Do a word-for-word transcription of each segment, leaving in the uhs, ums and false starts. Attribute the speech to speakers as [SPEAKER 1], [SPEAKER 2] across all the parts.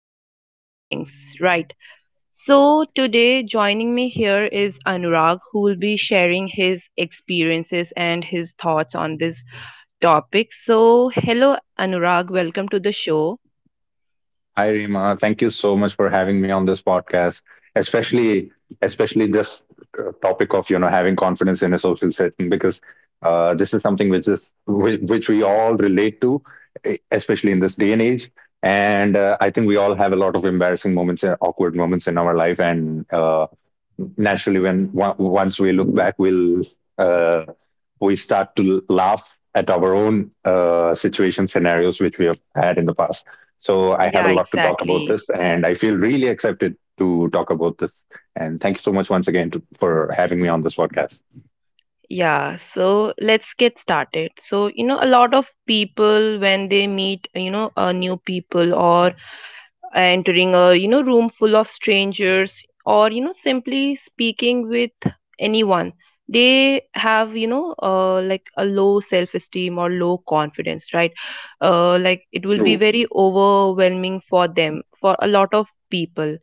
[SPEAKER 1] social settings, right? So, today joining me here is Anurag, who will be sharing his experiences and his thoughts on this topic. So, hello, Anurag, welcome to the show.
[SPEAKER 2] Hi, Rima. Thank you so much for having me on this podcast, especially especially this uh, topic of you know having confidence in a social setting because uh, this is something which is whi- which we all relate to, e- especially in this day and age. And uh, I think we all have a lot of embarrassing moments and awkward moments in our life, and uh, naturally when once we look back we'll uh, we start to laugh at our own uh, situation scenarios which we have had in the past. So I have
[SPEAKER 1] Yeah,
[SPEAKER 2] a lot to talk about
[SPEAKER 1] exactly.
[SPEAKER 2] this, and I feel really excited to talk about this, and thank you so much once again to, for having me on this podcast.
[SPEAKER 1] Yeah, so let's get started. So, you know, a lot of people when they meet, you know, uh, new people, or entering a, you know, room full of strangers, or, you know, simply speaking with anyone, they have, you know, uh, like a low self-esteem or low confidence, right? Uh, like it will be
[SPEAKER 2] True.
[SPEAKER 1] very overwhelming for them, for a lot of people.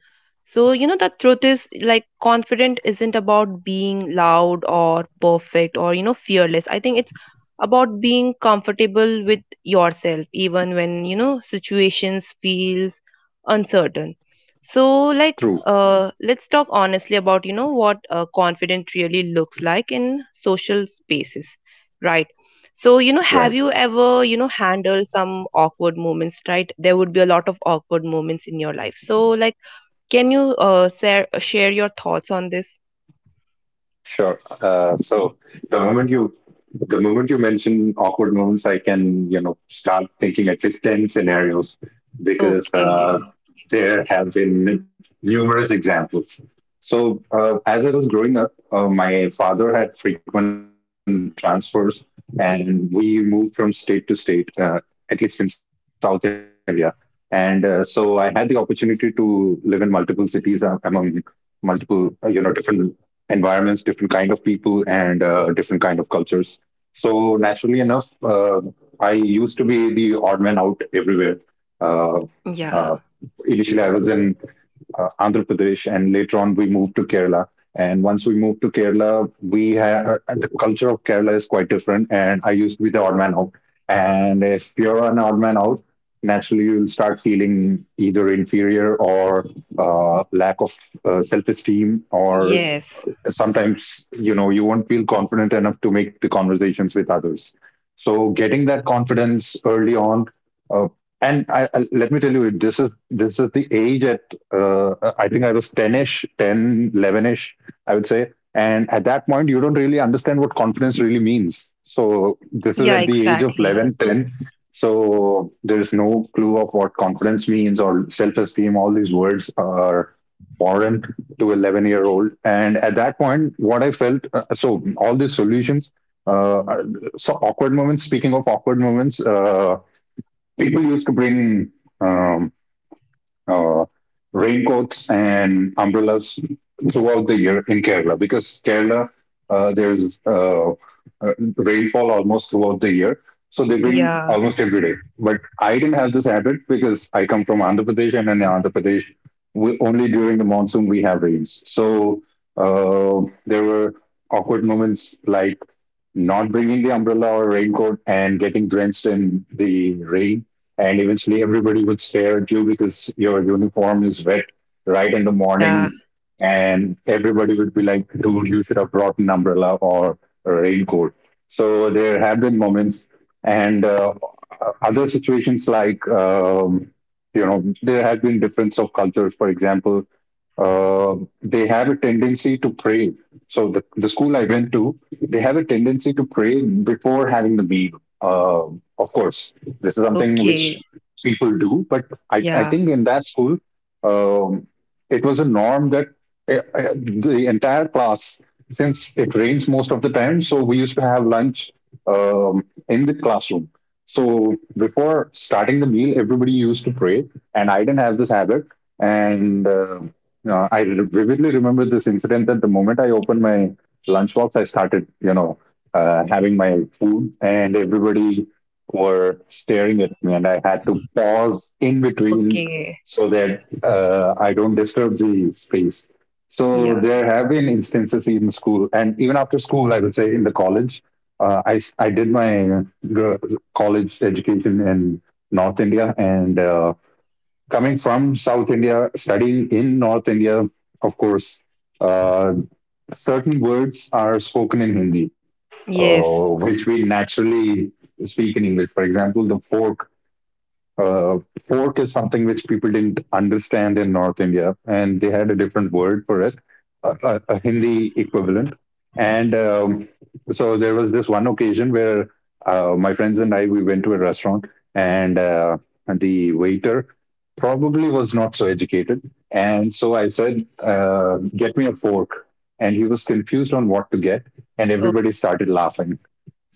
[SPEAKER 1] So, you know, the truth is, like, confident isn't about being loud or perfect or, you know, fearless. I think it's about being comfortable with yourself, even when, you know, situations feel uncertain. So, like,
[SPEAKER 2] True.
[SPEAKER 1] uh, let's talk honestly about, you know, what uh, confident really looks like in social spaces, right? So, you know, have
[SPEAKER 2] Right.
[SPEAKER 1] you ever, you know, handled some awkward moments, right? There would be a lot of awkward moments in your life. So, like, can you uh, share share your thoughts on this?
[SPEAKER 2] Sure. Uh, so the moment you the moment you mention awkward moments, I can, you know, start thinking at least ten scenarios, because uh,
[SPEAKER 1] Okay.
[SPEAKER 2] there have been numerous examples. So uh, as I was growing up, uh, my father had frequent transfers, and we moved from state to state, uh, at least in South India. And uh, so I had the opportunity to live in multiple cities, uh, among multiple uh, you know, different environments, different kind of people, and uh, different kind of cultures. So naturally enough, uh, I used to be the odd man out everywhere. Uh,
[SPEAKER 1] Yeah.
[SPEAKER 2] uh, initially, I was in uh, Andhra Pradesh, and later on we moved to Kerala. And once we moved to Kerala, we had uh, the culture of Kerala is quite different. And I used to be the odd man out. And if you're an odd man out, naturally you'll start feeling either inferior or uh, lack of uh, self-esteem, or
[SPEAKER 1] Yes.
[SPEAKER 2] sometimes you know you won't feel confident enough to make the conversations with others. So getting that confidence early on, uh, and I, I, let me tell you, this is this is the age at uh, I think I was ten-ish, ten, eleven-ish, I would say. And at that point you don't really understand what confidence really means. So this is
[SPEAKER 1] Yeah,
[SPEAKER 2] at the age of
[SPEAKER 1] exactly.
[SPEAKER 2] eleven, ten. So there is no clue of what confidence means or self-esteem. All these words are foreign to eleven year old, and at that point what I felt, uh, so all these solutions, uh, so awkward moments, speaking of awkward moments, uh, people used to bring um, uh, raincoats and umbrellas throughout the year in Kerala, because Kerala uh, there's uh, uh, rainfall almost throughout the year. So they bring
[SPEAKER 1] Yeah.
[SPEAKER 2] almost every day. But I didn't have this habit because I come from Andhra Pradesh, and in Andhra Pradesh, we, only during the monsoon we have rains. So uh, there were awkward moments like not bringing the umbrella or raincoat and getting drenched in the rain. And eventually, everybody would stare at you because your uniform is wet right in the
[SPEAKER 1] Yeah.
[SPEAKER 2] morning. And everybody would be like, "Dude, you should have brought an umbrella or a raincoat." So there have been moments. And uh, other situations like, um, you know, there have been difference of cultures. For example, um, they have a tendency to pray. So the, the school I went to, they have a tendency to pray before having the meal. Um, of course, this is something which
[SPEAKER 1] Okay.
[SPEAKER 2] people do, but I, I
[SPEAKER 1] Yeah.
[SPEAKER 2] think in that school, um, it was a norm that uh, uh, the entire class, since it rains most of the time, so we used to have lunch um, in the classroom. So before starting the meal, everybody used to pray, and I didn't have this habit. And uh, uh, I vividly remember this incident that the moment I opened my lunchbox, I started, you know, uh, having my food, and everybody were staring at me, and I had to pause in between
[SPEAKER 1] Okay.
[SPEAKER 2] so that uh, I don't disturb the space. So
[SPEAKER 1] Yeah.
[SPEAKER 2] there have been instances in school, and even after school, I would say in the college. Uh, I I did my gr- college education in North India, and uh, coming from South India, studying in North India, of course, uh, certain words are spoken in Hindi,
[SPEAKER 1] Yes.
[SPEAKER 2] uh, which we naturally speak in English. For example, the fork, uh, fork is something which people didn't understand in North India, and they had a different word for it, a, a, a Hindi equivalent. And um, so there was this one occasion where uh, my friends and I, we went to a restaurant, and uh, the waiter probably was not so educated, and so I said, uh, "Get me a fork." And he was confused on what to get, and
[SPEAKER 1] Oh,
[SPEAKER 2] everybody started laughing.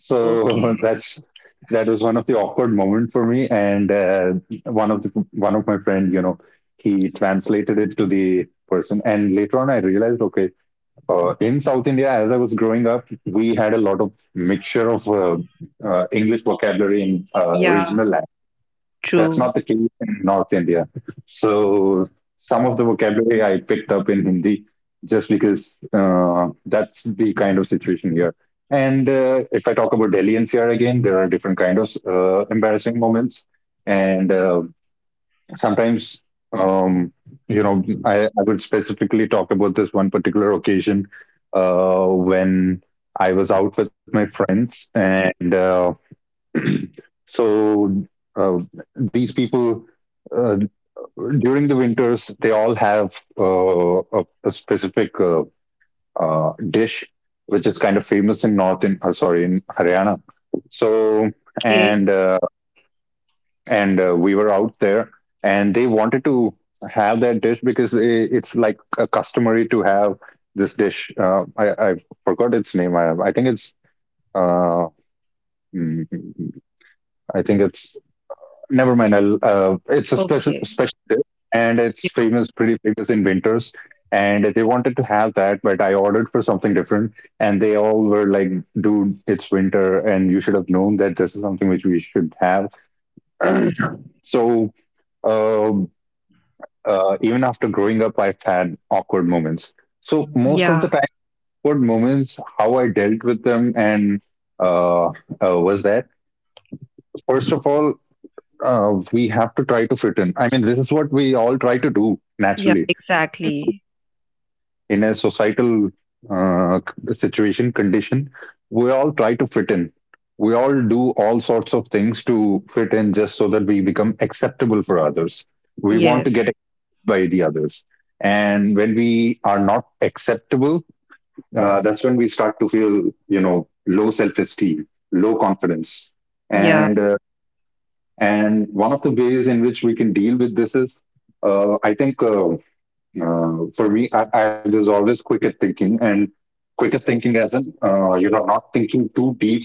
[SPEAKER 2] So
[SPEAKER 1] okay.
[SPEAKER 2] that's that was one of the awkward moment for me. And uh, one of the one of my friend, you know, he translated it to the person, and later on I realized, okay, uh, in South India, as I was growing up, we had a lot of mixture of uh, uh, English vocabulary in uh,
[SPEAKER 1] Yeah.
[SPEAKER 2] regional. That's
[SPEAKER 1] True.
[SPEAKER 2] not the case in North India. So some of the vocabulary I picked up in Hindi just because uh, that's the kind of situation here. And uh, if I talk about Delhi N C R, again, there are different kind of uh, embarrassing moments, and uh, sometimes um, you know, I, I would specifically talk about this one particular occasion uh, when I was out with my friends, and uh, so uh, these people uh, during the winters they all have uh, a, a specific uh, uh, dish which is kind of famous in north in uh, sorry in Haryana. So
[SPEAKER 1] Okay.
[SPEAKER 2] and uh, and uh, we were out there, and they wanted to have that dish because they, it's like a customary to have this dish. Uh, I I forgot its name. I I think it's uh mm, I think it's— never mind. I'll, uh, it's a specific
[SPEAKER 1] Okay.
[SPEAKER 2] special dish, and it's famous, pretty famous in winters. And they wanted to have that, but I ordered for something different, and they all were like, "Dude, it's winter, and you should have known that this is something which we should have." so, uh, uh, even after growing up, I've had awkward moments. So most of the
[SPEAKER 1] Yeah.
[SPEAKER 2] time, awkward moments, how I dealt with them, and uh, uh, was that, first of all, uh, we have to try to fit in. I mean, this is what we all try to do
[SPEAKER 1] Yeah.
[SPEAKER 2] naturally
[SPEAKER 1] Exactly.
[SPEAKER 2] in a societal uh, situation condition. We all try to fit in. We all do all sorts of things to fit in, just so that we become acceptable for others. We want
[SPEAKER 1] Yes.
[SPEAKER 2] to get accepted by the others. And when we are not acceptable, uh, that's when we start to feel, you know, low self esteem, low confidence.
[SPEAKER 1] Yeah.
[SPEAKER 2] And uh, and one of the ways in which we can deal with this is, uh, I think, uh, uh, for me, I, I there's always quicker thinking. And quicker thinking as in, uh, you know, not thinking too deep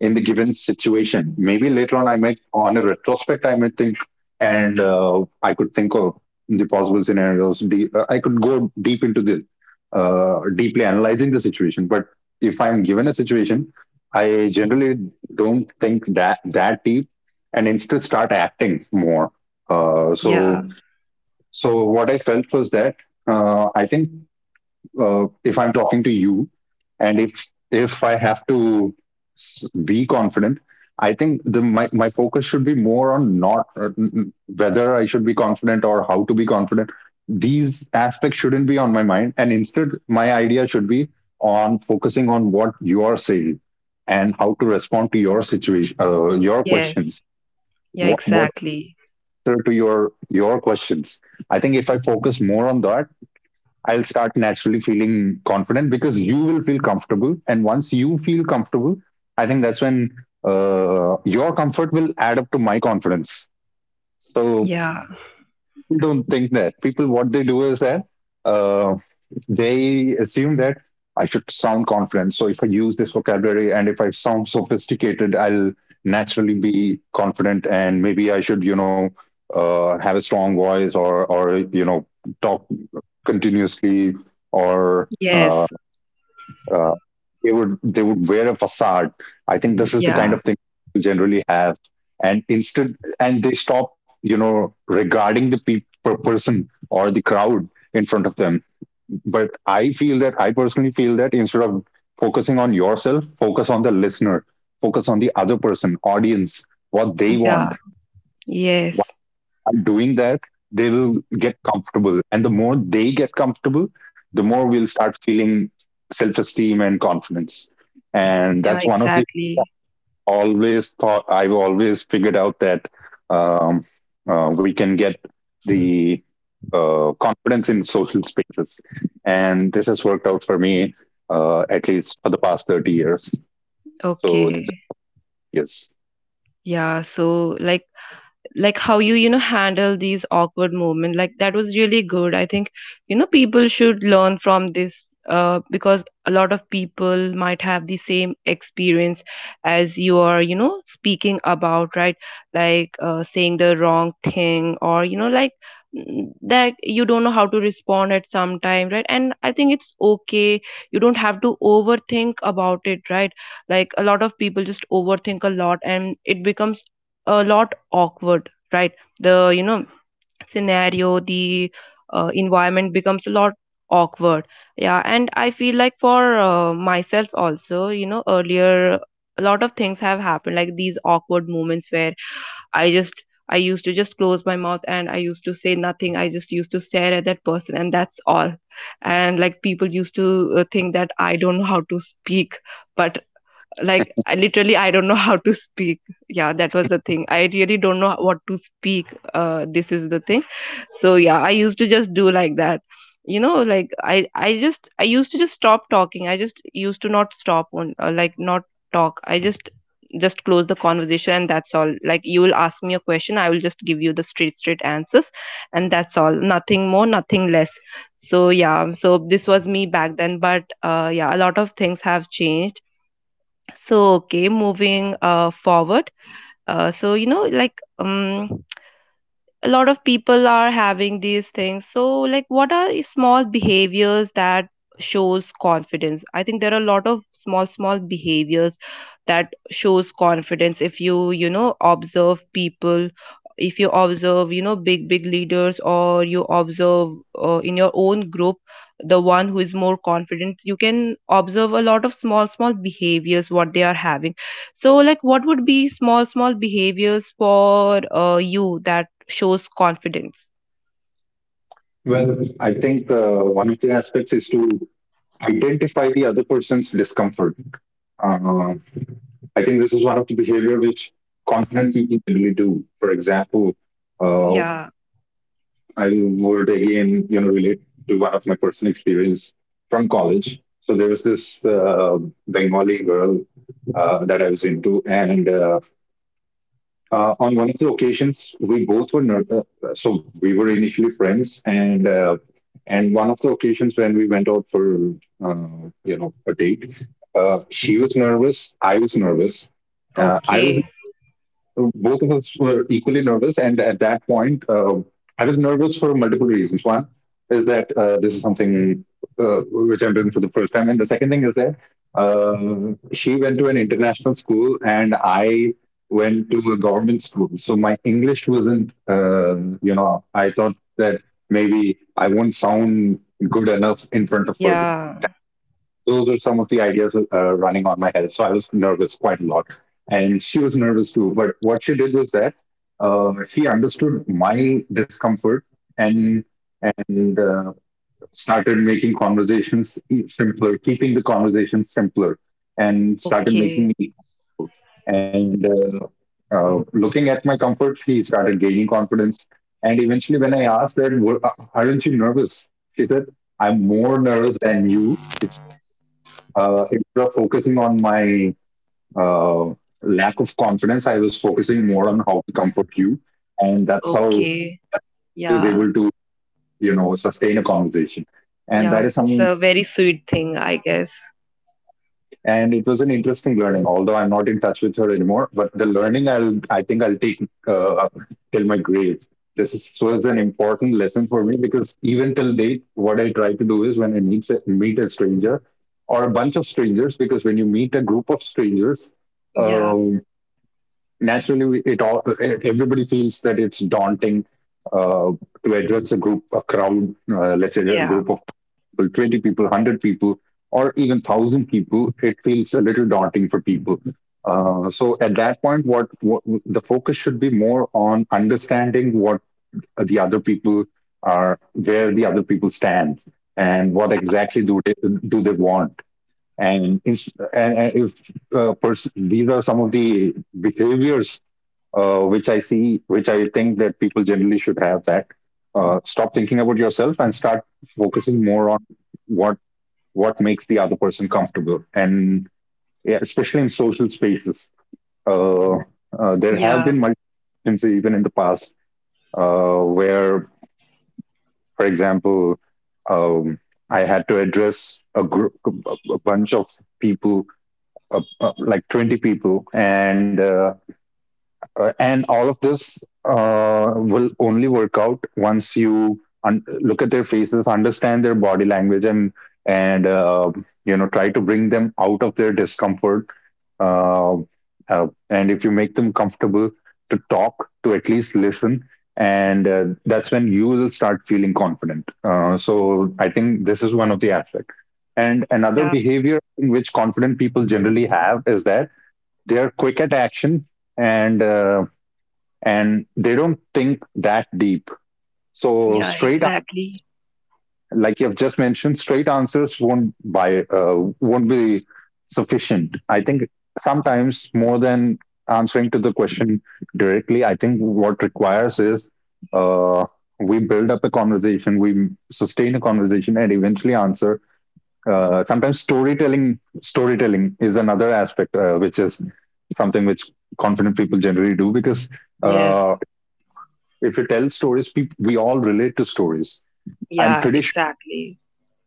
[SPEAKER 2] in the given situation. Maybe later on, I might, on a retrospect, I might think, and uh, I could think of the possible scenarios. De- uh, I could go deep into the uh, deeply analyzing the situation. But if I'm given a situation, I generally don't think that that deep, and instead start acting more. Uh,
[SPEAKER 1] Yeah.
[SPEAKER 2] so so what I felt was that, uh, I think, uh, if I'm talking to you, and if if I have to be confident, I think the my, my focus should be more on not uh, whether I should be confident or how to be confident. These aspects shouldn't be on my mind, and instead, my idea should be on focusing on what you are saying and how to respond to your situation, uh, your
[SPEAKER 1] Yes.
[SPEAKER 2] questions.
[SPEAKER 1] Yeah.
[SPEAKER 2] What what
[SPEAKER 1] Exactly.
[SPEAKER 2] answer to your your questions. I think if I focus more on that, I'll start naturally feeling confident, because you will feel comfortable, and once you feel comfortable, I think that's when uh, your comfort will add up to my confidence. So
[SPEAKER 1] Yeah.
[SPEAKER 2] don't think that. People, what they do is that uh, they assume that I should sound confident. So if I use this vocabulary and if I sound sophisticated, I'll naturally be confident. And maybe I should, you know, uh, have a strong voice, or, or you know, talk continuously, or
[SPEAKER 1] Yes.
[SPEAKER 2] uh, uh, they would they would wear a facade. I think this is the kind
[SPEAKER 1] Yeah.
[SPEAKER 2] of thing we generally have, and instead, and they stop, you know, regarding the pe- per person or the crowd in front of them. But I feel that, I personally feel that, instead of focusing on yourself, focus on the listener, focus on the other person, audience, what they want
[SPEAKER 1] Yeah. Yes.
[SPEAKER 2] are doing that, they will get comfortable. And the more they get comfortable, the more we'll start feeling self esteem and confidence. And
[SPEAKER 1] Yeah.
[SPEAKER 2] that's one of the
[SPEAKER 1] Exactly.
[SPEAKER 2] always thought I've always figured out that um, uh, we can get the uh, confidence in social spaces, and this has worked out for me uh, at least for the past thirty years. So
[SPEAKER 1] Okay.
[SPEAKER 2] yes,
[SPEAKER 1] Yeah, so, like, like how you you know handle these awkward moments, like, that was really good, I think. You know, people should learn from this, uh, because a lot of people might have the same experience as you are, you know, speaking about, right? Like, uh, saying the wrong thing, or, you know, like, mm, that you don't know how to respond at some time, right? And I think it's okay, you don't have to overthink about it, right? Like, a lot of people just overthink a lot, and it becomes a lot awkward, right? The, you know, scenario, the uh, environment becomes a lot awkward. Yeah, and I feel like, for uh, myself also, you know, earlier, a lot of things have happened, like these awkward moments where i just i used to just close my mouth, and I used to say nothing. I just used to stare at that person, and that's all. And like, people used to uh, think that I don't know how to speak. But like, I literally, I don't know how to speak. Yeah, that was the thing, I really don't know what to speak. Uh, this is the thing. So yeah, I used to just do like that. You know, like, i i just i used to just stop talking. I just used to not stop on, uh, like not talk, I just just close the conversation, and that's all. Like, you will ask me a question, I will just give you the straight straight answers, and that's all, nothing more, nothing less. So yeah, so this was me back then, but uh, yeah, a lot of things have changed. So, okay, moving uh, forward. Uh, so, you know, like, um, a lot of people are having these things. So like, what are i- small behaviors that shows confidence? I think there are a lot of small small behaviors that shows confidence, if you, you know, observe people. If you observe, you know, big big leaders, or you observe uh, in your own group, the one who is more confident, you can observe a lot of small small behaviors what they are having. So like, what would be small small behaviors for uh, you that shows confidence?
[SPEAKER 2] well, I think uh, one of the aspects is to identify the other person's discomfort. Uh, I think this is one of the behavior which confident people generally do. For example, uh,
[SPEAKER 1] Yeah,
[SPEAKER 2] I would, again, you know, relate to one of my personal experience from college. So there was this uh, Bengali girl uh, that I was into, and uh, uh, on one of the occasions we both were ner- uh, so we were initially friends and uh, and one of the occasions when we went out for uh, you know a date. Uh, she was nervous, I was nervous. Uh, I was
[SPEAKER 1] okay.
[SPEAKER 2] Both of us were equally nervous. And at that point, uh, I was nervous for multiple reasons. One is that uh, this is something uh, which I'm doing for the first time. And the second thing is that uh, she went to an international school and I went to a government school. So my English wasn't, uh, you know, I thought that maybe I won't sound good enough in front of her.
[SPEAKER 1] Yeah,
[SPEAKER 2] Those are some of the ideas uh, running on my head. So I was nervous quite a lot. And she was nervous too. But what she did was that uh, she understood my discomfort and and uh, started making conversations e- simpler, keeping the conversation simpler, and started
[SPEAKER 1] okay.
[SPEAKER 2] making me comfortable. and uh, uh, looking at my comfort, she started gaining confidence. And eventually, when I asked that, "Wo- uh, aren't you nervous?" She said, "I'm more nervous than you." It's uh, instead of focusing on my uh, lack of confidence, I was focusing more on how to comfort you, and that's how I
[SPEAKER 1] Okay.
[SPEAKER 2] was
[SPEAKER 1] Yeah,
[SPEAKER 2] able to you know sustain a conversation. And
[SPEAKER 1] yeah.
[SPEAKER 2] that is
[SPEAKER 1] That's
[SPEAKER 2] some,
[SPEAKER 1] a very sweet thing, I guess.
[SPEAKER 2] And it was an interesting learning. Although I'm not in touch with her anymore, but the learning I'll, I think I'll take uh, till my grave. This is, was an important lesson for me because even till date, what I try to do is when I meet a, meet a stranger or a bunch of strangers, because when you meet a group of strangers,
[SPEAKER 1] Yeah,
[SPEAKER 2] um, naturally it all e- everybody feels that it's daunting uh, to address a group, a crowd, uh, let's say a
[SPEAKER 1] yeah,
[SPEAKER 2] group of people, twenty people, one hundred people, or even one thousand people. It feels a little daunting for people. Uh, so at that point, what, what the focus should be more on understanding what the other people are, where the other people stand, and what exactly do they, do they want, and, and and if uh, pers- these are some of the behaviors uh, which I see, which I think that people generally should have that. Uh, stop thinking about yourself and start focusing more on what what makes the other person comfortable, and yeah, especially in social spaces. Uh, uh, there have
[SPEAKER 1] yeah,
[SPEAKER 2] been multiple instances even in the past uh, where, for example, um, I had to address a group, a bunch of people, uh, uh, like twenty people, and uh, uh, and all of this uh, will only work out once you un- look at their faces, understand their body language, and and uh, you know try to bring them out of their discomfort. uh, uh, and if you make them comfortable to talk, to at least listen, and uh, that's when you will start feeling confident. Uh, so I think this is one of the aspects. And another
[SPEAKER 1] yeah,
[SPEAKER 2] behavior in which confident people generally have is that they are quick at action, and uh, and they don't think that deep. So
[SPEAKER 1] yeah,
[SPEAKER 2] straight,
[SPEAKER 1] exactly.
[SPEAKER 2] like you've just mentioned, straight answers won't buy uh, won't be sufficient. I think sometimes more than answering to the question directly, I think what requires is uh, we build up a conversation, we sustain a conversation, and eventually answer. Uh, sometimes storytelling storytelling is another aspect uh, which is something which confident people generally do because
[SPEAKER 1] Yes,
[SPEAKER 2] uh, if you tell stories, people, we all relate to stories. I'm
[SPEAKER 1] yeah,
[SPEAKER 2] pretty sure
[SPEAKER 1] exactly.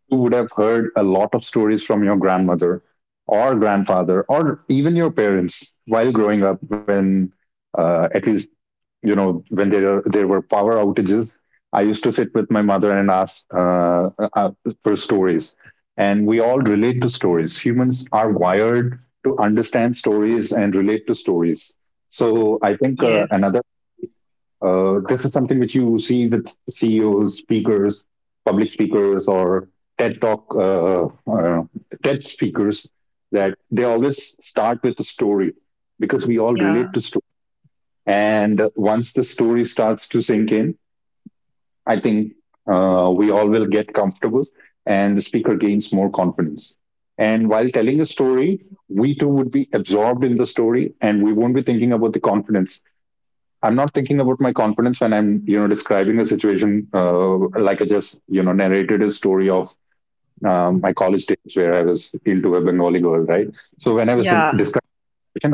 [SPEAKER 2] you would have heard a lot of stories from your grandmother or grandfather or even your parents while growing up when uh, at least you know when there there were power outages. I used to sit with my mother and ask uh, uh, for stories, and we all relate to stories. Humans are wired to understand stories and relate to stories. So I think, uh,
[SPEAKER 1] Yes,
[SPEAKER 2] another uh, this is something which you see with C E Os, speakers, public speakers, or TED Talk, uh, uh, TED speakers, that they always start with a story because we all
[SPEAKER 1] yeah,
[SPEAKER 2] relate to story. And once the story starts to sink in, I think uh, we all will get comfortable and the speaker gains more confidence. And while telling a story, we too would be absorbed in the story and we won't be thinking about the confidence. I'm not thinking about my confidence when I'm, you know, describing a situation, uh, like I just, you know, narrated a story of um, my college days where I was into a Bengali girl, right? So when I was
[SPEAKER 1] yeah,
[SPEAKER 2] describing,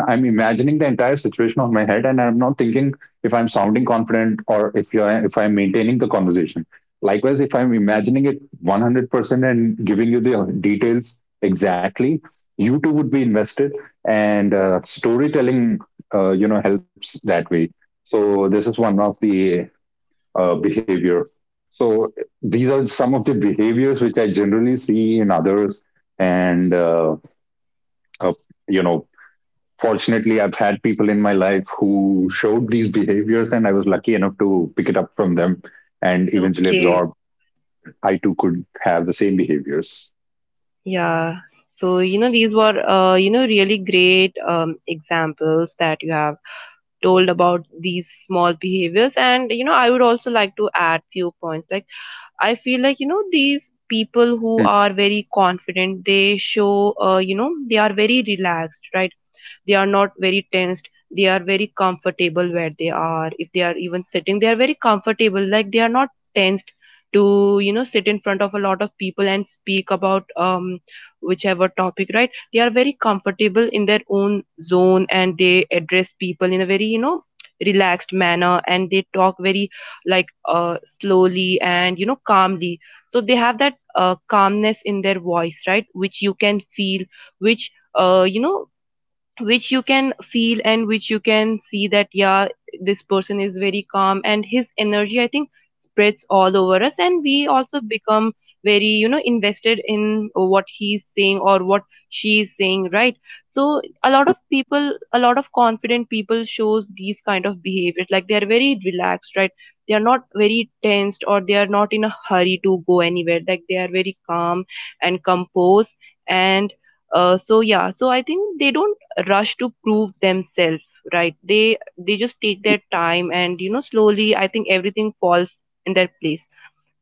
[SPEAKER 2] I'm imagining the entire situation on my head, and I'm not thinking if I'm sounding confident or if you're if I'm maintaining the conversation. Likewise, if I'm imagining it one hundred percent and giving you the uh, details exactly, you too would be invested, and uh, storytelling, uh, you know, helps that way. So this is one of the uh, behavior. So these are some of the behaviors which I generally see in others, and uh, uh, you know fortunately I've had people in my life who showed these behaviors and I was lucky enough to pick it up from them and eventually
[SPEAKER 1] okay.
[SPEAKER 2] absorb I too could have the same behaviors.
[SPEAKER 1] Yeah. So, you know, these were, uh, you know, really great um, examples that you have told about these small behaviors. And, you know, I would also like to add few points. Like, I feel like, you know, these people who
[SPEAKER 2] Hmm.
[SPEAKER 1] are very confident, they show, uh, you know, they are very relaxed, right? They are not very tensed, they are very comfortable where they are. If they are even sitting, they are very comfortable, like they are not tensed to, you know, sit in front of a lot of people and speak about um whichever topic, right? They are very comfortable in their own zone, and they address people in a very, you know, relaxed manner, and they talk very, like, uh slowly and, you know, calmly. So they have that uh, calmness in their voice, right? Which you can feel, which, uh, you know, which you can feel, and which you can see that yeah, this person is very calm, and his energy, I think, spreads all over us, and we also become very, you know, invested in what he's saying or what she is saying, right? So a lot of people, a lot of confident people shows these kind of behaviors. Like, they are very relaxed, right? They are not very tensed, or they are not in a hurry to go anywhere. Like, they are very calm and composed, and uh, so yeah, so I think they don't rush to prove themselves, right? They they just take their time, and, you know, slowly, I think everything falls in their place.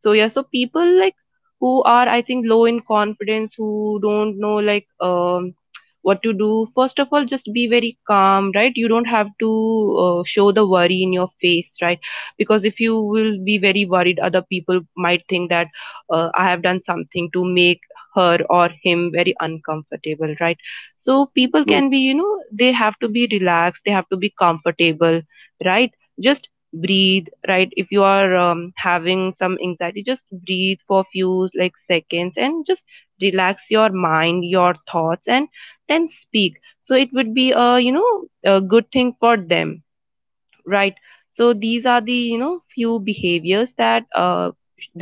[SPEAKER 1] So yeah, so people like, who are, I think, low in confidence, who don't know, like, um what to do. First of all, just be very calm, right? You don't have to uh, show the worry in your face, right? Because if you will be very worried, other people might think that uh, I have done something to make her or him very uncomfortable, right? So people
[SPEAKER 2] True.
[SPEAKER 1] can be, you know, they have to be relaxed, they have to be comfortable, right? Just breathe, right? If you are, um, having some anxiety, just breathe for few, like, seconds, and just relax your mind, your thoughts, and then speak. So it would be a, you know, a good thing for them, right? So these are the, you know, few behaviors that uh,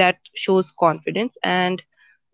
[SPEAKER 1] that shows confidence. And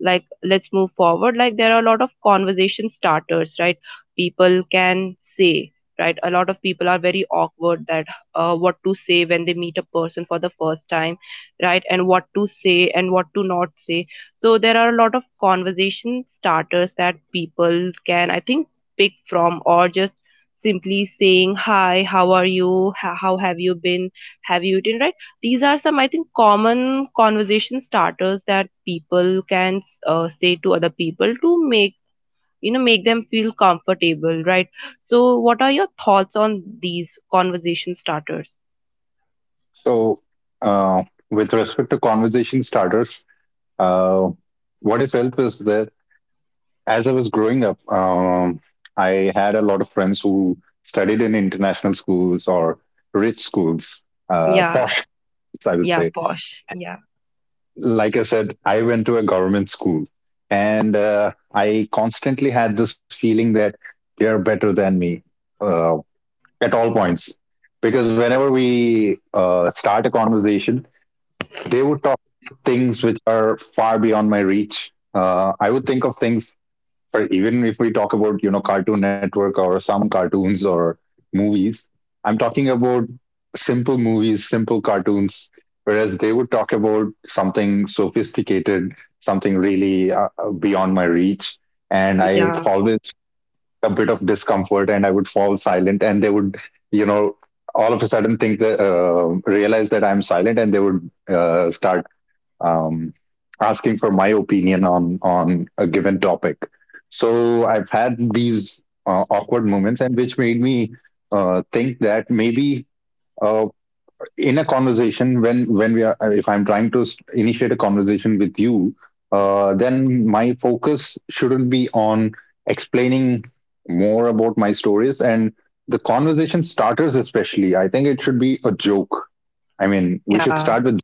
[SPEAKER 1] like, let's move forward. Like, there are a lot of conversation starters, right? People can say, right, a lot of people are very awkward that, uh, what to say when they meet a person for the first time, right? And what to say and what to not say. So there are a lot of conversation starters that people can, I think, pick from, or just simply saying hi, how are you, Ho- how have you been, have you eaten, right? These are some, I think, common conversation starters that people can uh, say to other people to make, you know, make them feel comfortable, right? So, what are your thoughts on these conversation starters?
[SPEAKER 2] So uh, with respect to conversation starters, uh, what I felt was that as I was growing up, um, I had a lot of friends who studied in international schools or rich schools, uh,
[SPEAKER 1] Yeah,
[SPEAKER 2] posh schools, I would
[SPEAKER 1] yeah,
[SPEAKER 2] say.
[SPEAKER 1] posh. Yeah,
[SPEAKER 2] Like I said, I went to a government school, and uh, I constantly had this feeling that they're better than me uh, at all points. Because whenever we uh, start a conversation, they would talk things which are far beyond my reach. Uh, I would think of things, or even if we talk about you know Cartoon Network or some cartoons or movies, I'm talking about simple movies, simple cartoons. Whereas they would talk about something sophisticated, something really uh, uh, beyond my reach, and I
[SPEAKER 1] yeah,
[SPEAKER 2] always a bit of discomfort, and I would fall silent, and they would you know all of a sudden think that uh, realize that I'm silent, and they would uh, start um, asking for my opinion on on a given topic. So I've had these uh, awkward moments, and which made me uh, think that maybe uh, in a conversation when when we are, uh, if I'm trying to s- initiate a conversation with you, uh, then my focus shouldn't be on explaining more about my stories, and the conversation starters especially I think it should be a joke. I mean, we should
[SPEAKER 1] yeah,
[SPEAKER 2] start with,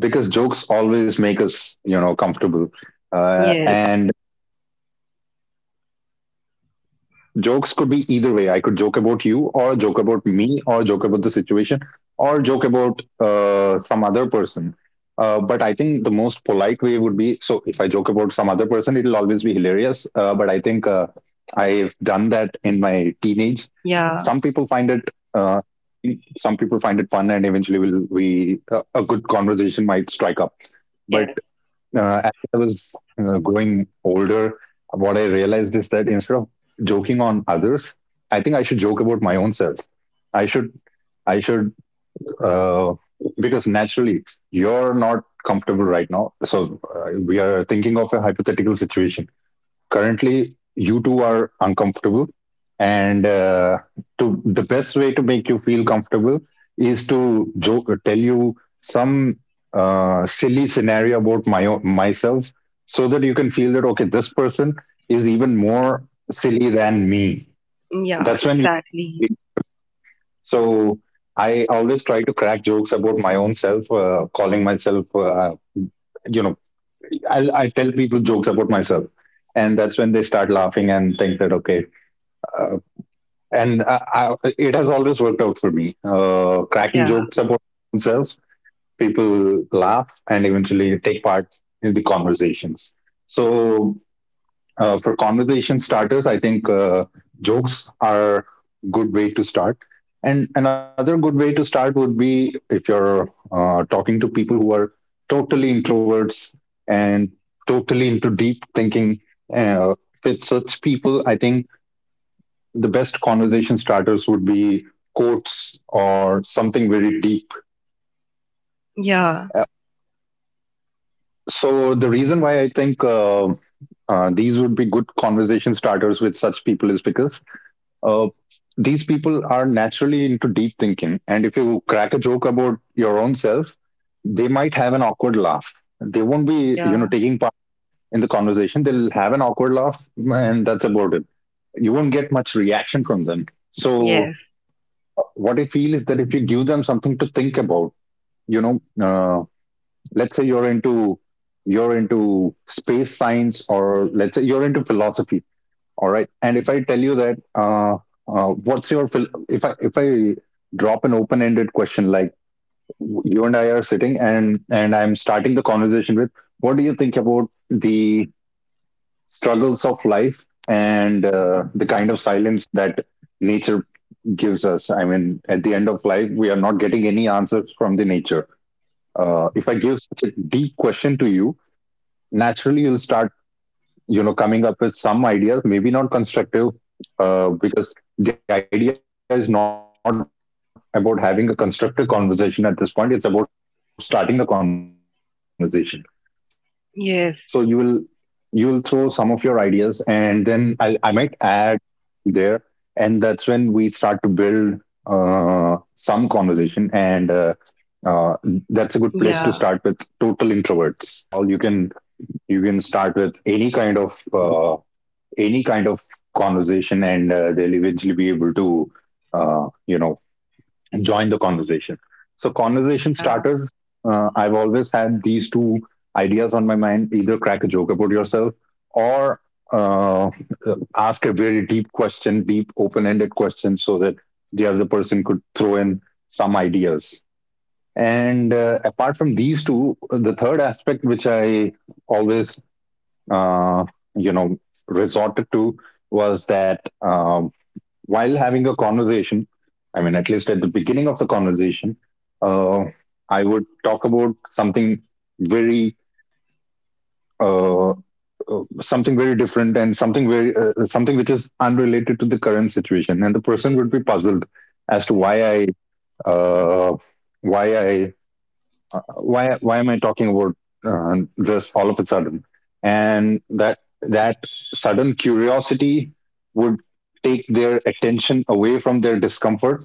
[SPEAKER 2] because jokes always make us, you know, comfortable. Uh,
[SPEAKER 1] yes,
[SPEAKER 2] and jokes could be either way. I could joke about you, or joke about me, or joke about the situation, or joke about uh, some other person. Uh, but I think the most polite way would be, so if I joke about some other person, it'll always be hilarious. Uh, but I think uh, I've done that in my teenage. Some people find it.
[SPEAKER 1] yeah,
[SPEAKER 2] Uh, some people find it fun and eventually will we a a good conversation might strike up, but
[SPEAKER 1] yes,
[SPEAKER 2] uh, as I was uh, growing older, what I realized is that instead of joking on others, I think I should joke about my own self. I should, I should, uh, because naturally you're not comfortable right now. So uh, we are thinking of a hypothetical situation. Currently you two are uncomfortable, and uh, to the best way to make you feel comfortable is to joke or tell you some uh, silly scenario about my own, myself, so that you can feel that okay, this person is even more silly than me.
[SPEAKER 1] yeah,
[SPEAKER 2] That's when you
[SPEAKER 1] exactly.
[SPEAKER 2] so I always try to crack jokes about my own self, uh, calling myself, uh, you know i I tell people jokes about myself, and that's when they start laughing and think that okay, uh, and I, I, it has always worked out for me. Uh, cracking
[SPEAKER 1] Yeah,
[SPEAKER 2] jokes about themselves, people laugh and eventually take part in the conversations. So, uh, for conversation starters, I think uh, jokes are a good way to start. And another good way to start would be if you're uh, talking to people who are totally introverts and totally into deep thinking. Uh, with such people, I think the best conversation starters would be quotes or something very deep.
[SPEAKER 1] yeah,
[SPEAKER 2] So the reason why I think uh, uh, these would be good conversation starters with such people is because uh, these people are naturally into deep thinking, and if you crack a joke about your own self, they might have an awkward laugh. They won't be, you know,
[SPEAKER 1] yeah,
[SPEAKER 2] taking part in the conversation. They'll have an awkward laugh, and that's about it. You won't get much reaction from them. So,
[SPEAKER 1] yes,
[SPEAKER 2] uh, what I feel is that if you give them something to think about, you know uh, let's say you're into you're into space science, or let's say you're into philosophy, all right? And if I tell you that uh, uh, what's your phil- if i if i drop an open ended question like, you and I are sitting and and I'm starting the conversation with, what do you think about the struggles of life and uh, the kind of silence that nature gives us? I mean, at the end of life we are not getting any answers from the nature. Uh, if I give such a deep question to you, naturally you'll start, you know, coming up with some ideas, maybe not constructive, uh, because the idea is not about having a constructive conversation at this point. It's about starting a conversation. So you will you will throw some of your ideas, and then i, I might
[SPEAKER 1] yes,
[SPEAKER 2] add there, and that's when we start to build uh, some conversation, and uh, uh, that's a good place to start with total introverts. And uh, with extroverts,
[SPEAKER 1] yeah,
[SPEAKER 2] naturally, no problem at all. You can you can start with any kind of uh, any kind of conversation, and uh, they'll eventually be able to, uh, you know, join the conversation. So conversation
[SPEAKER 1] yeah,
[SPEAKER 2] starters. Uh, I've always had these two ideas on my mind: either crack a joke about yourself, or uh, ask a very deep question, deep open-ended question, so that the other person could throw in some ideas. And uh, apart from these two, the third aspect which I always, uh, you know, resorted to was that um, while having a conversation, I mean at least at the beginning of the conversation, uh, I would talk about something very, uh, uh, something very different, and something very, uh, something which is unrelated to the current situation, and the person would be puzzled as to why I, uh, why I why why am I talking about uh, this all of a sudden? And that that sudden curiosity would take their attention away from their discomfort.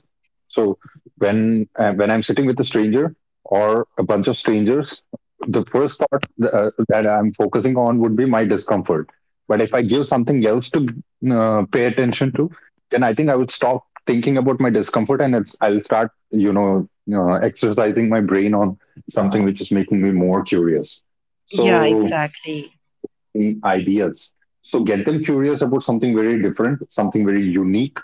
[SPEAKER 2] So when uh, when I'm sitting with a stranger or a bunch of strangers, the first thought uh, that I'm focusing on would be my discomfort. But if I give something else to uh, pay attention to, then I think I would stop thinking about my discomfort, and it's, I'll start, you know, uh, exercising my brain on something which is making me more curious.
[SPEAKER 1] yeah,
[SPEAKER 2] So
[SPEAKER 1] exactly.
[SPEAKER 2] mm, ideas. So get them curious about something very different, something very unique,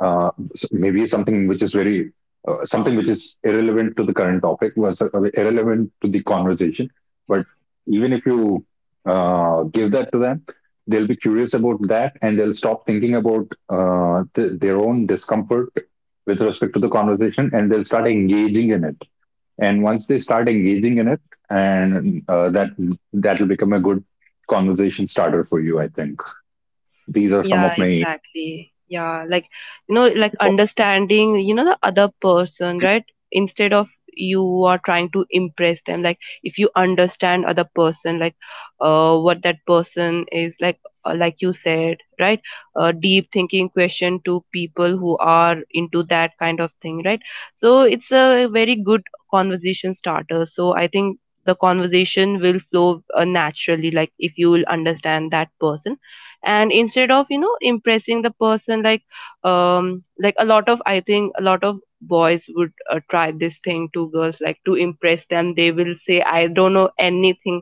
[SPEAKER 2] uh, maybe something which is very uh, something which is irrelevant to the current topic, was uh, irrelevant to the conversation, but even if you uh, give that to them, they'll be curious about that and they'll stop thinking about uh, th- their own discomfort with respect to the conversation, and they'll start engaging in it. And once they start engaging in it, and uh, that that will become a good conversation starter for you, I think. These are some of
[SPEAKER 1] Yeah,
[SPEAKER 2] my.
[SPEAKER 1] exactly. Yeah, like, you know, like understanding, you know, the other person, right? Instead of you are trying to impress them, like if you understand other person, like, uh, what that person is like, uh, like you said, right? Uh, deep thinking question to people who are into that kind of thing, right? So it's a very good conversation starter. So I think the conversation will flow uh, naturally, like if you will understand that person, and instead of, you know, impressing the person, like, um like a lot of, I think, a lot of boys would uh, try this thing to girls, like, to impress them, they will say, I don't know anything,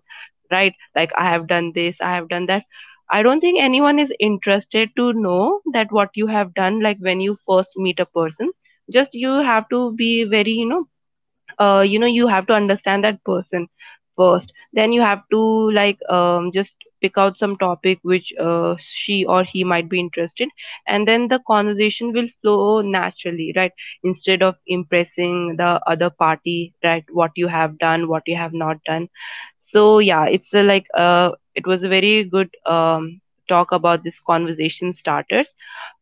[SPEAKER 1] right? Like I have done this, I have done that. I don't think anyone is interested to know that what you have done. Like, when you first meet a person, just you have to be very, you know, uh, you know, you have to understand that person first, then you have to, like, um, just pick out some topic which uh, she or he might be interested, and then the conversation will flow naturally, right? Instead of impressing the other party, right, what you have done, what you have not done. So yeah, it's a, like uh, it was a very good um, talk about this conversation starters.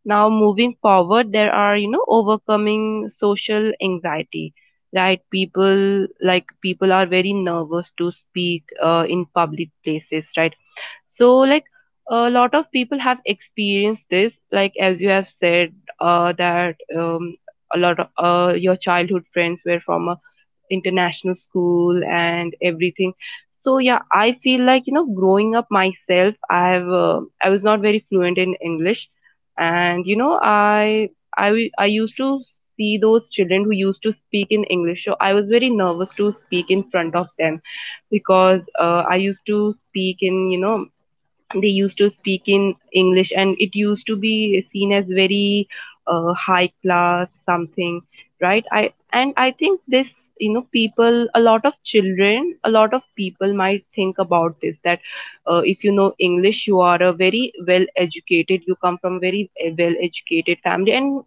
[SPEAKER 1] Now, moving forward, there are, you know, overcoming social anxiety, right? People, like, people are very nervous to speak uh, in public places, right? So like, a lot of people have experienced this, like as you have said, uh, that um, a lot of uh, your childhood friends were from a international school and everything. So yeah, I feel like, you know, growing up myself, i have uh, i was not very fluent in English, and, you know, i i w- i used to see those children who used to speak in English, so I was very nervous to speak in front of them because uh, I used to speak in you know they used to speak in English, and it used to be seen as very uh, high class something, right? I and I think this, you know, people, a lot of children, a lot of people might think about this that uh, if you know English, you are a very well educated, you come from very well educated family, and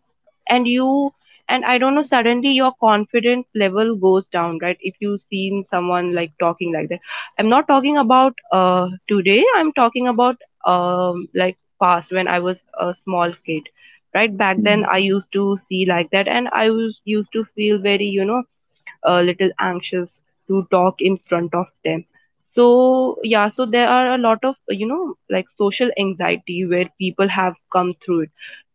[SPEAKER 1] and you and I don't know, suddenly your confidence level goes down, right? If you seen someone like talking like that. I'm not talking about uh, today. I'm talking about um, like past when I was a small kid. Right back then, I used to see like that, and I was used to feel very, you know, a little anxious to talk in front of them. So yeah, so there are a lot of you know like social anxiety where people have come through it.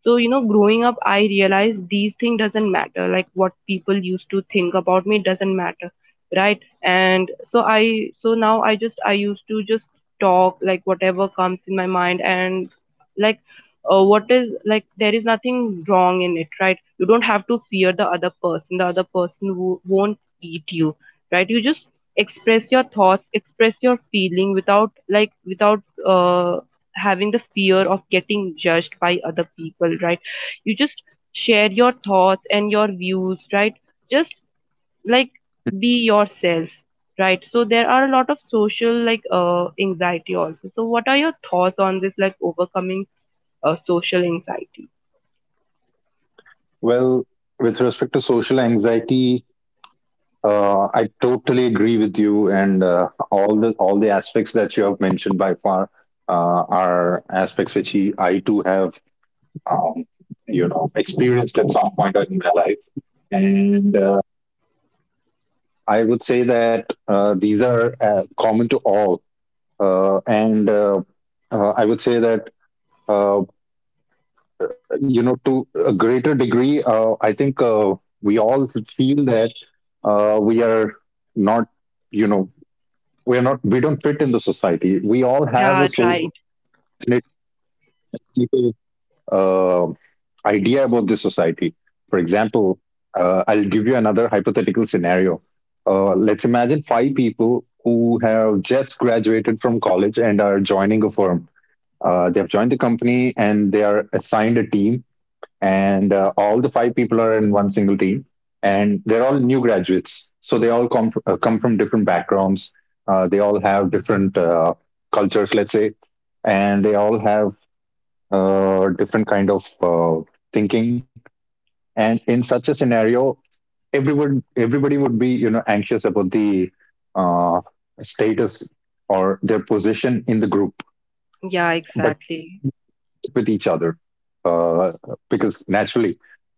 [SPEAKER 1] So you know growing up, I realized these things doesn't matter, like what people used to think about me doesn't matter, right? And so i so now I just, I used to just talk like whatever comes in my mind and like uh, what is like there is nothing wrong in it, right? You don't have to fear the other person. The other person wo- won't beat you, right? You just express your thoughts, express your feeling without like without uh, having the fear of getting judged by other people, right? You just share your thoughts and your views, right? Just like be yourself, right? So there are a lot of social like uh, anxiety also. So what are your thoughts on this, like overcoming uh, social anxiety?
[SPEAKER 2] Well, with respect to social anxiety, uh, I totally agree with you, and uh, all the all the aspects that you have mentioned by far uh, are aspects which he, I too have, um, you know, experienced at some point in my life, and uh, I would say that uh, these are uh, common to all, uh, and uh, uh, I would say that. Uh, you know, to a greater degree, uh, I think uh, we all feel that uh, we are not, you know, we are not we don't fit in the society. We all have a
[SPEAKER 1] Yeah,
[SPEAKER 2] so
[SPEAKER 1] right.
[SPEAKER 2] uh, idea about the society. For example, uh, I'll give you another hypothetical scenario. Uh, let's imagine five people who have just graduated from college and are joining a firm. Uh, they have joined the company and they are assigned a team, and uh, all the five people are in one single team, and they're all new graduates, so they all come, uh, come from different backgrounds. Uh, they all have different uh, cultures, let's say, and they all have uh, different kind of uh, thinking. And in such a scenario, everyone everybody would be, you know, anxious about the uh, status or their position in the group,
[SPEAKER 1] Yeah,
[SPEAKER 2] but
[SPEAKER 1] exactly.
[SPEAKER 2] with each other, uh, because naturally,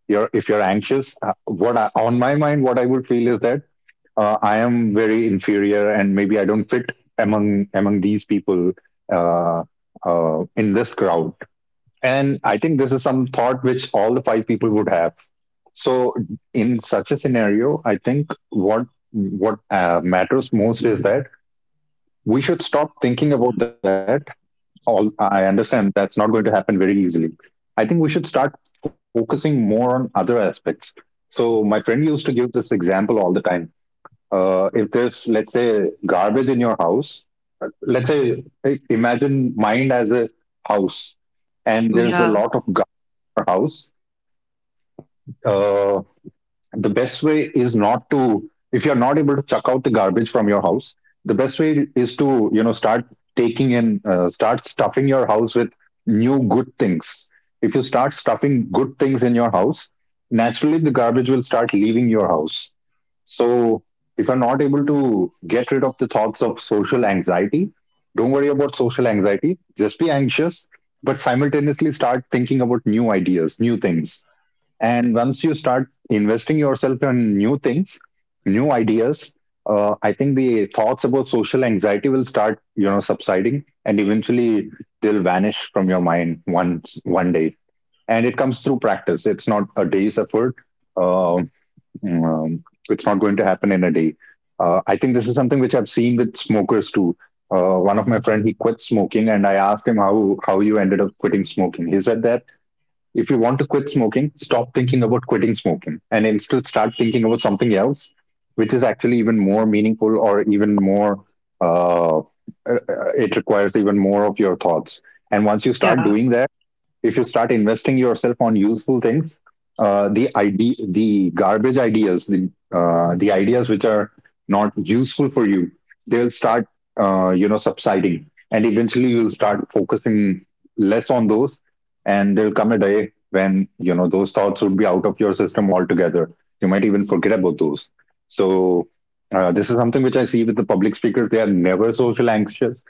[SPEAKER 2] you're if you're anxious, uh, what I, on my mind what I would feel is that uh, I am very inferior and maybe I don't fit among among these people, uh, uh, in this crowd. And I think this is some thought which all the five people would have. So in such a scenario, I think what what uh, matters most is that we should stop thinking about that. All, I understand that's not going to happen very easily. I think we should start focusing more on other aspects. So my friend used to give this example all the time. Uh, if there's, let's say, garbage in your house, let's say, eh, imagine mind as a house, and there's a
[SPEAKER 1] Yeah,
[SPEAKER 2] lot of garbage in your house. Uh, the best way is not to, if you're not able to chuck out the garbage from your house, the best way is to, you know, start taking, and uh, start stuffing your house with new good things. If you start stuffing good things in your house, naturally the garbage will start leaving your house. So if you're not able to get rid of the thoughts of social anxiety, don't worry about social anxiety, just be anxious, but simultaneously start thinking about new ideas, new things. And once you start investing yourself in new things, new ideas, uh, I think the thoughts about social anxiety will start, you know, subsiding, and eventually they'll vanish from your mind once one day. And it comes through practice. It's not a day's effort. Uh, um, it's not going to happen in a day. Uh, I think this is something which I've seen with smokers too. Uh, one of my friend, he quit smoking, and I asked him how how you ended up quitting smoking. He said that if you want to quit smoking, stop thinking about quitting smoking, and instead start thinking about something else, which is actually even more meaningful or even more, uh, uh, it requires even more of your thoughts. And once you start
[SPEAKER 1] yeah,
[SPEAKER 2] doing that, if you start investing yourself on useful things, uh, the idea, the garbage ideas, the uh, the ideas which are not useful for you, they'll start, uh, you know, subsiding, and eventually you'll start focusing less on those, and there'll come a day when, you know, those thoughts would be out of your system altogether. You might even forget about those. So uh, this is something which I see with the public speakers. They are never social anxious,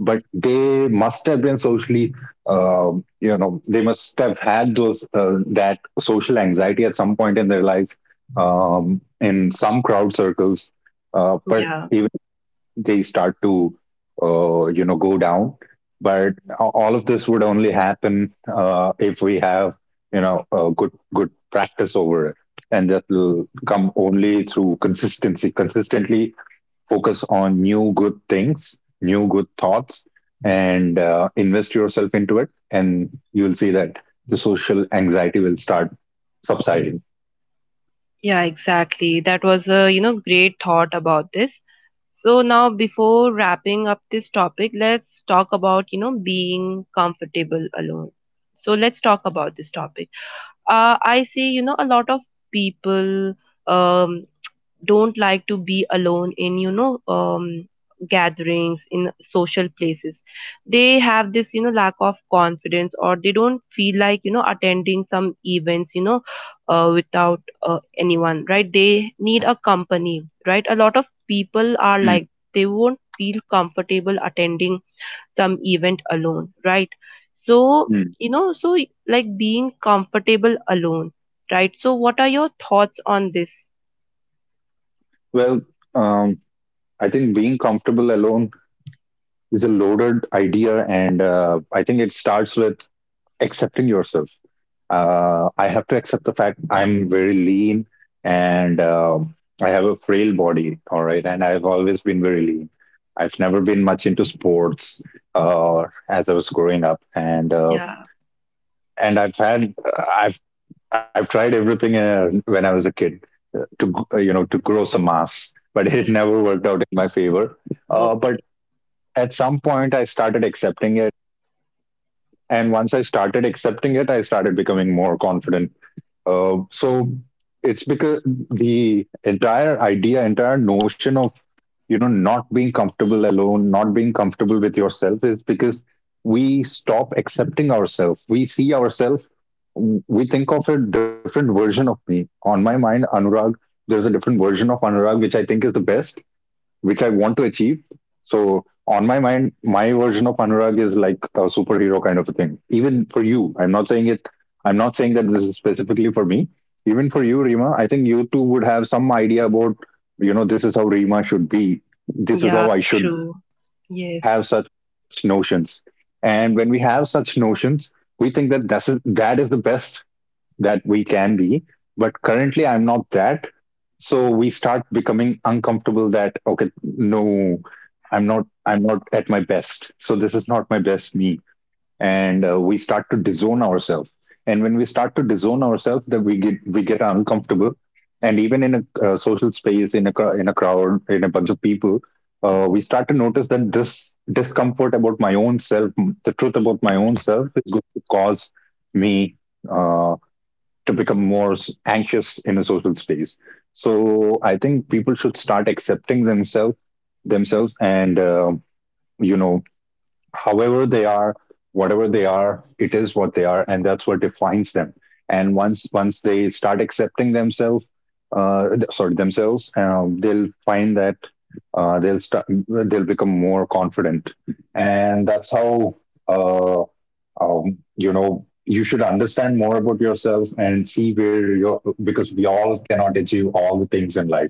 [SPEAKER 2] but they must have been socially uh, you know, they must have had those uh, that social anxiety at some point in their life, um, in some crowd circles, uh, but
[SPEAKER 1] yeah.
[SPEAKER 2] even if they start to uh, you know, go down. But a- all of this would only happen uh, if we have, you know, a good good practice over it, and that will come only through consistency consistently focus on new good things, new good thoughts, and uh, invest yourself into it. And you'll see that the social anxiety will start subsiding.
[SPEAKER 1] Yeah, exactly. That was a, you know, great thought about this. So now, before wrapping up this topic, let's talk about, you know, being comfortable alone. So let's talk about this topic. Uh, I see, you know, a lot of people um don't like to be alone in you know um, gatherings, in social places. They have this you know lack of confidence, or they don't feel like you know attending some events, you know uh, without uh, anyone, right? They need a company, right? A lot of people are like they won't feel comfortable attending some event alone, right? So
[SPEAKER 2] Mm.
[SPEAKER 1] you know so like being comfortable alone, right? So what are your thoughts on this?
[SPEAKER 2] Well, um, I think being comfortable alone is a loaded idea, and uh, I think it starts with accepting yourself. Uh, I have to accept the fact I'm very lean, and um, I have a frail body. All right. And I've always been very lean. I've never been much into sports uh, as I was growing up. And, uh,
[SPEAKER 1] Yeah.
[SPEAKER 2] and I've had, I've, I've tried everything uh, when I was a kid uh, to, g- uh, you know, to grow some mass, but it never worked out in my favor. Uh, but
[SPEAKER 1] Okay.
[SPEAKER 2] at some point I started accepting it. And once I started accepting it, I started becoming more confident. Uh, so it's because the entire idea, entire notion of, you know, not being comfortable alone, not being comfortable with yourself, is because we stop accepting ourselves. We see ourselves. We think of a different version of me. On my mind, Anurag, there's a different version of Anurag, which I think is the best which I want to achieve. So on my mind, my version of Anurag is like a superhero kind of a thing. Even for you, I'm not saying it. I'm not saying that this is specifically for me. Even for you, Rima, I think you too would have some idea about, you know, this is how Rima should be. This is
[SPEAKER 1] Yeah,
[SPEAKER 2] how I should
[SPEAKER 1] true. Yes.
[SPEAKER 2] have such notions. And when we have such notions, we think that that's, that is the best that we can be, but currently I'm not that. So we start becoming uncomfortable that okay, no, i'm not i'm not at my best, so this is not my best me. And uh, we start to disown ourselves, and when we start to disown ourselves that we get we get uncomfortable. And even in a uh, social space, in a cr- in a crowd, in a bunch of people, uh, we start to notice that this discomfort about my own self, the truth about my own self, is going to cause me uh, to become more s- anxious in a social space. So I think people should start accepting themselves themselves and uh, you know however they are, whatever they are, it is what they are, and that's what defines them. And once once they start accepting themselves, uh, th- sorry themselves, um, they'll find that uh, they'll start they'll become more confident. And that's how uh, um, you know you should understand more about yourself and see where you're, because we all cannot achieve all the things in life.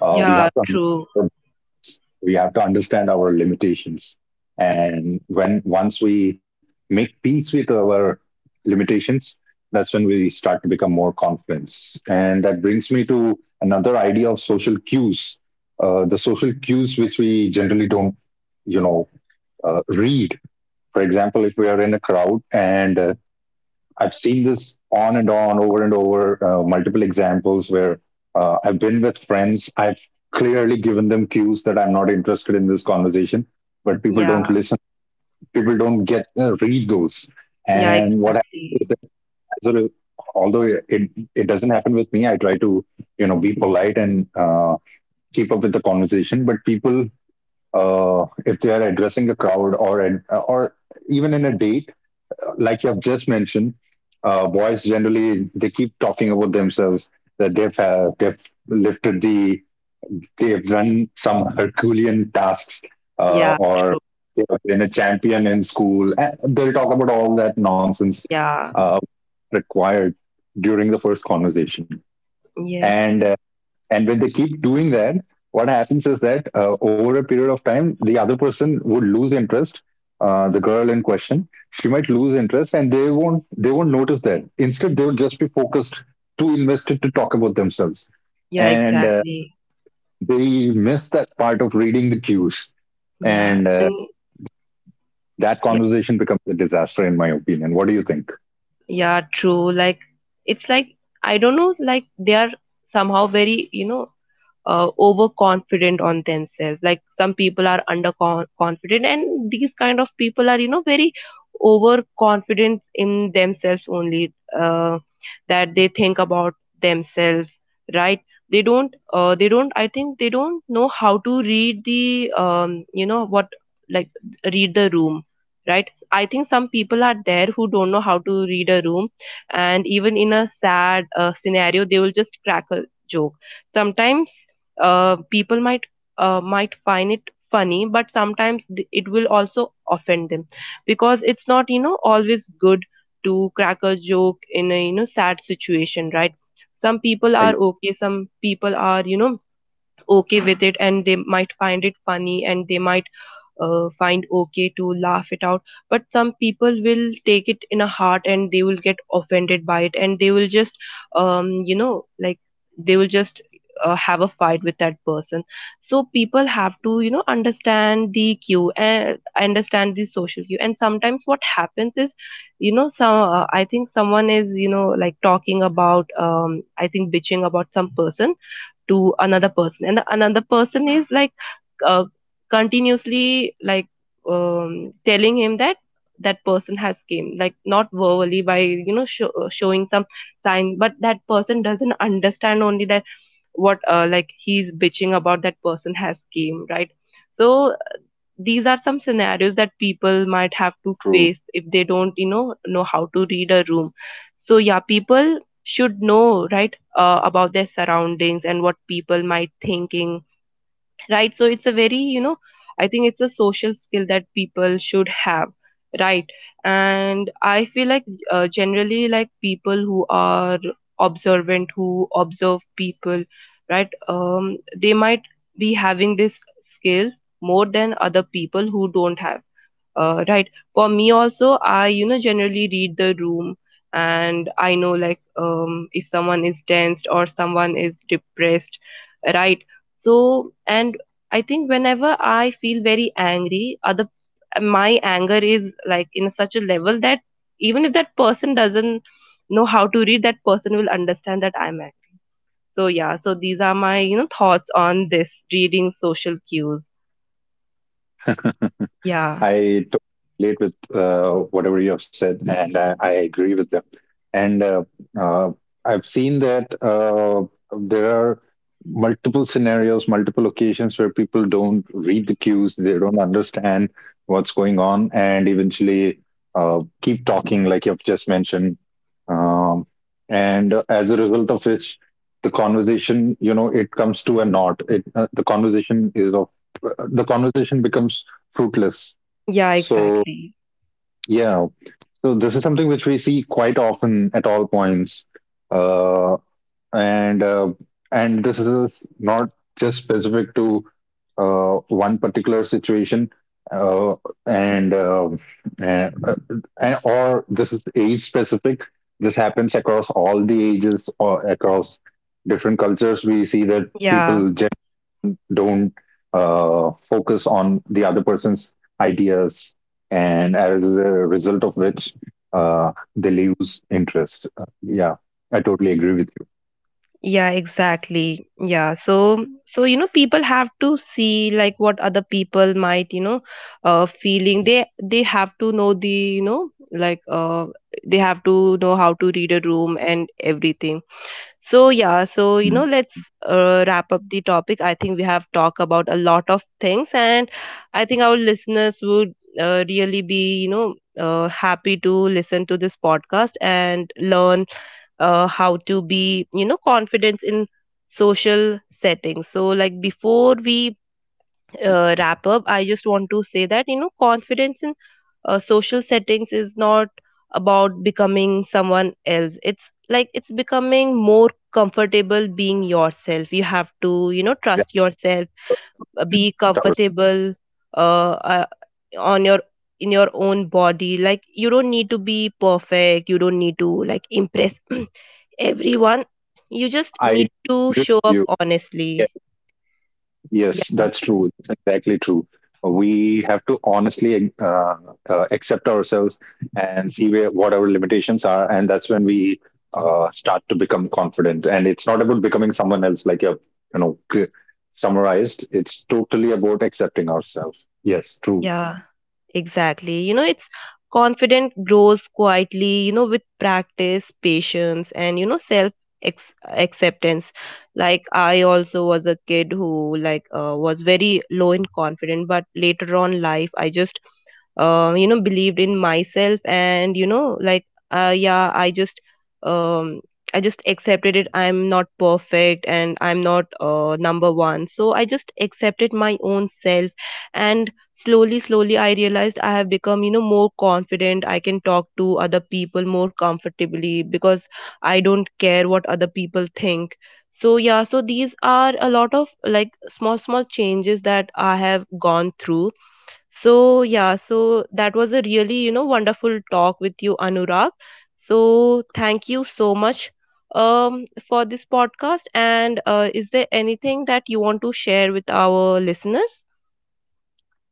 [SPEAKER 2] uh, We
[SPEAKER 1] Yeah,
[SPEAKER 2] have to understand
[SPEAKER 1] true.
[SPEAKER 2] our limits. We have to understand our limitations, and when once we make peace with our limitations, that's when we start to become more confident. And that brings me to another idea of social cues, uh, the social cues which we generally don't you know uh, read. For example, if we are in a crowd and uh, I've seen this on and on, over and over, uh, multiple examples where uh, I've been with friends. I've clearly given them cues that I'm not interested in this conversation, but people don't
[SPEAKER 1] Yeah.
[SPEAKER 2] listen. People don't get uh, read those.
[SPEAKER 1] Yeah,
[SPEAKER 2] And what happens is
[SPEAKER 1] exactly.
[SPEAKER 2] that as a, although it it doesn't happen with me, I try to you know be polite and uh, keep up with the conversation. But people, uh, if they are addressing a crowd or or even in a date like you have just mentioned, uh, boys generally they keep talking about themselves, that they've uh, they've lifted the they've done some Herculean tasks, uh,
[SPEAKER 1] Yeah,
[SPEAKER 2] or
[SPEAKER 1] true.
[SPEAKER 2] they've been a champion in school. And they'll talk about all that nonsense
[SPEAKER 1] Yeah.
[SPEAKER 2] uh, required during the first conversation,
[SPEAKER 1] Yes.
[SPEAKER 2] and uh, and when they keep doing that, what happens is that uh, over a period of time, the other person would lose interest. Uh, the girl in question, she might lose interest, and they won't they won't notice that. Instead, they would just be focused, too invested to talk about themselves,
[SPEAKER 1] Yeah,
[SPEAKER 2] and uh,
[SPEAKER 1] exactly.
[SPEAKER 2] they miss that part of reading the cues,
[SPEAKER 1] Yeah.
[SPEAKER 2] and uh,
[SPEAKER 1] And
[SPEAKER 2] that
[SPEAKER 1] yeah,
[SPEAKER 2] conversation becomes a disaster, in my opinion. What do you think?
[SPEAKER 1] yeah, true. Like it's like I don't know, like they are somehow very, you know, uh, overconfident on themselves. Like some people are underconfident, and these kind of people are you know very overconfident in themselves only, uh, that they think about themselves, right? They don't uh, they don't I think they don't know how to read the um, you know what like read the room, right? I think some people are there who don't know how to read a room. And even in a sad uh, scenario, they will just crack a joke. Sometimes uh, people might uh, might find it funny, but sometimes th- it will also offend them because it's not you know always good to crack a joke in a you know sad situation, right? Some people are okay, some people are you know okay with it and they might find it funny and they might uh, find okay to laugh it out. But some people will take it in a heart and they will get offended by it and they will just um, you know like they will just uh, have a fight with that person. So people have to you know understand the cue and understand the social cue. And sometimes what happens is you know some uh, I think someone is you know like talking about, um I think bitching about some person to another person, and the, another person is like uh, continuously like um, telling him that that person has came, like not verbally, by you know show, uh, showing some sign, but that person doesn't understand only that what, uh, like he's bitching about, that person has came, right? So these are some
[SPEAKER 2] True.
[SPEAKER 1] scenarios that people might have to face if they don't you know know how to read a room. So yeah, people should know, right, uh, about their surroundings and what people might thinking, right? So it's a very you know I think it's a social skill that people should have, right? And I feel like uh, generally like people who are observant, who observe people, right? um they might be having this skills more than other people who don't have, uh, right? For me also, I, you know, generally read the room, and I know like um, if someone is tensed or someone is depressed, right? So, and I think whenever I feel very angry, other, my anger is like in such a level that even if that person doesn't know how to read, that person will understand that I'm angry. So yeah, so these are my, you know, thoughts on this reading social cues. Yeah.
[SPEAKER 2] I totally relate with uh, whatever you have said, and I, I agree with them. And uh, uh, I've seen that uh, there are multiple scenarios, multiple occasions where people don't read the cues, they don't understand what's going on, and eventually uh, keep talking, like you've just mentioned. Um, and uh, As a result of which, the conversation, you know, it comes to a knot. It uh, the conversation is of uh, The conversation becomes fruitless.
[SPEAKER 1] Yeah,
[SPEAKER 2] So
[SPEAKER 1] exactly.
[SPEAKER 2] yeah, so this is something which we see quite often at all points, uh, and uh, and this is not just specific to uh, one particular situation, uh, and, uh, and, uh, and or this is age specific. This happens across all the ages or across different cultures. We see that
[SPEAKER 1] Yeah.
[SPEAKER 2] people don't uh, focus on the other person's ideas, and as a result of which, uh, they lose interest. Uh, yeah, I totally agree with
[SPEAKER 1] Yeah, exactly. Yeah. So, so you know, people have to see like what other people might, you know, uh, feeling. They they have to know the, you know, like uh, they have to know how to read a room and everything. So yeah.
[SPEAKER 2] you. Mm,
[SPEAKER 1] So you know, let's uh, wrap up the topic. I think we have talked about a lot of things, and I think our listeners would uh, really be, you know, uh, happy to listen to this podcast and learn uh, how to be you know confidence in social settings. So like before we uh, wrap up, I just want to say that you know confidence in uh, social settings is not about becoming someone else. It's like it's becoming more comfortable being yourself. You have to you know
[SPEAKER 2] yeah.
[SPEAKER 1] trust yourself, uh, be
[SPEAKER 2] Towers.
[SPEAKER 1] comfortable uh, uh on your in your own body. Like you don't need to be perfect, you don't need to like impress everyone. You just
[SPEAKER 2] I agree
[SPEAKER 1] need to
[SPEAKER 2] with
[SPEAKER 1] show up
[SPEAKER 2] you.
[SPEAKER 1] honestly.
[SPEAKER 2] Yes,
[SPEAKER 1] Yeah.
[SPEAKER 2] that's true. That's exactly true. We have to honestly uh, uh, accept ourselves and see where what our limitations are, and that's when we uh, start to become confident. And it's not about becoming someone else, like you you know cl- summarized. It's totally about accepting ourselves. Yes, true.
[SPEAKER 1] Yeah, exactly. you know it's confident grows quietly, you know with practice, patience, and you know self ex- acceptance. Like I also was a kid who like uh, was very low in confidence, but later on life I just uh, you know believed in myself and you know like uh, yeah I just um I just accepted it. I'm not perfect and I'm not uh, number one. So I just accepted my own self, and slowly slowly I realized I have become you know more confident. I can talk to other people more comfortably because I don't care what other people think. So yeah, so these are a lot of like small small changes that I have gone through. So, yeah, so that was a really, you know, wonderful talk with you, Anurag. So, thank you so much um, for this podcast. And uh, is there anything that you want to share with our listeners?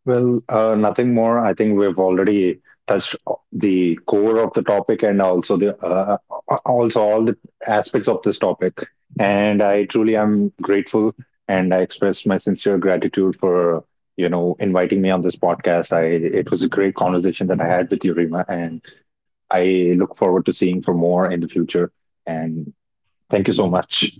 [SPEAKER 2] Well, uh, nothing more. I think we've already touched o- the core of the topic and also the uh, uh, also all the aspects of this topic. And I truly am grateful, and I express my sincere gratitude for you know inviting me on this podcast. I It was a great conversation that I had with you, Rima, and I look forward to seeing for more in the future. And thank you so much.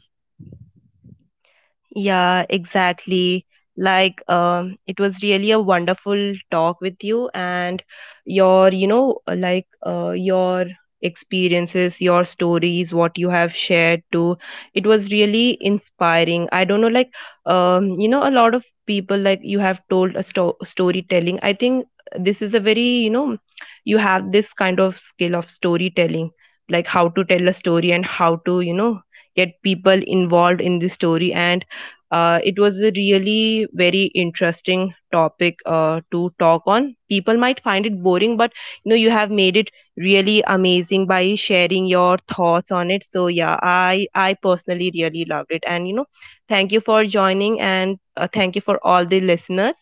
[SPEAKER 1] Yeah, exactly. Like, um, it was really a wonderful talk with you, and your, you know, like, uh, your experiences, your stories, what you have shared too. It was really inspiring. I don't know, like, um, you know, a lot of people, like, you have told a sto- storytelling. I think this is a very, you know, you have this kind of skill of storytelling, like how to tell a story and how to, you know, get people involved in the story. And uh, it was a really very interesting topic uh, to talk on. People might find it boring, but you know you have made it really amazing by sharing your thoughts on it. So yeah, I I personally really loved it, and you know thank you for joining, and uh, thank you for all the listeners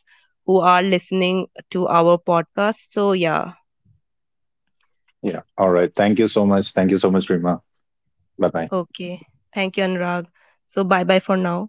[SPEAKER 1] who are listening to our podcast. So yeah,
[SPEAKER 2] Yeah. All right. Thank you so much. Thank you so much, Rima. Bye bye.
[SPEAKER 1] okay, thank you, Anurag. So bye bye for now.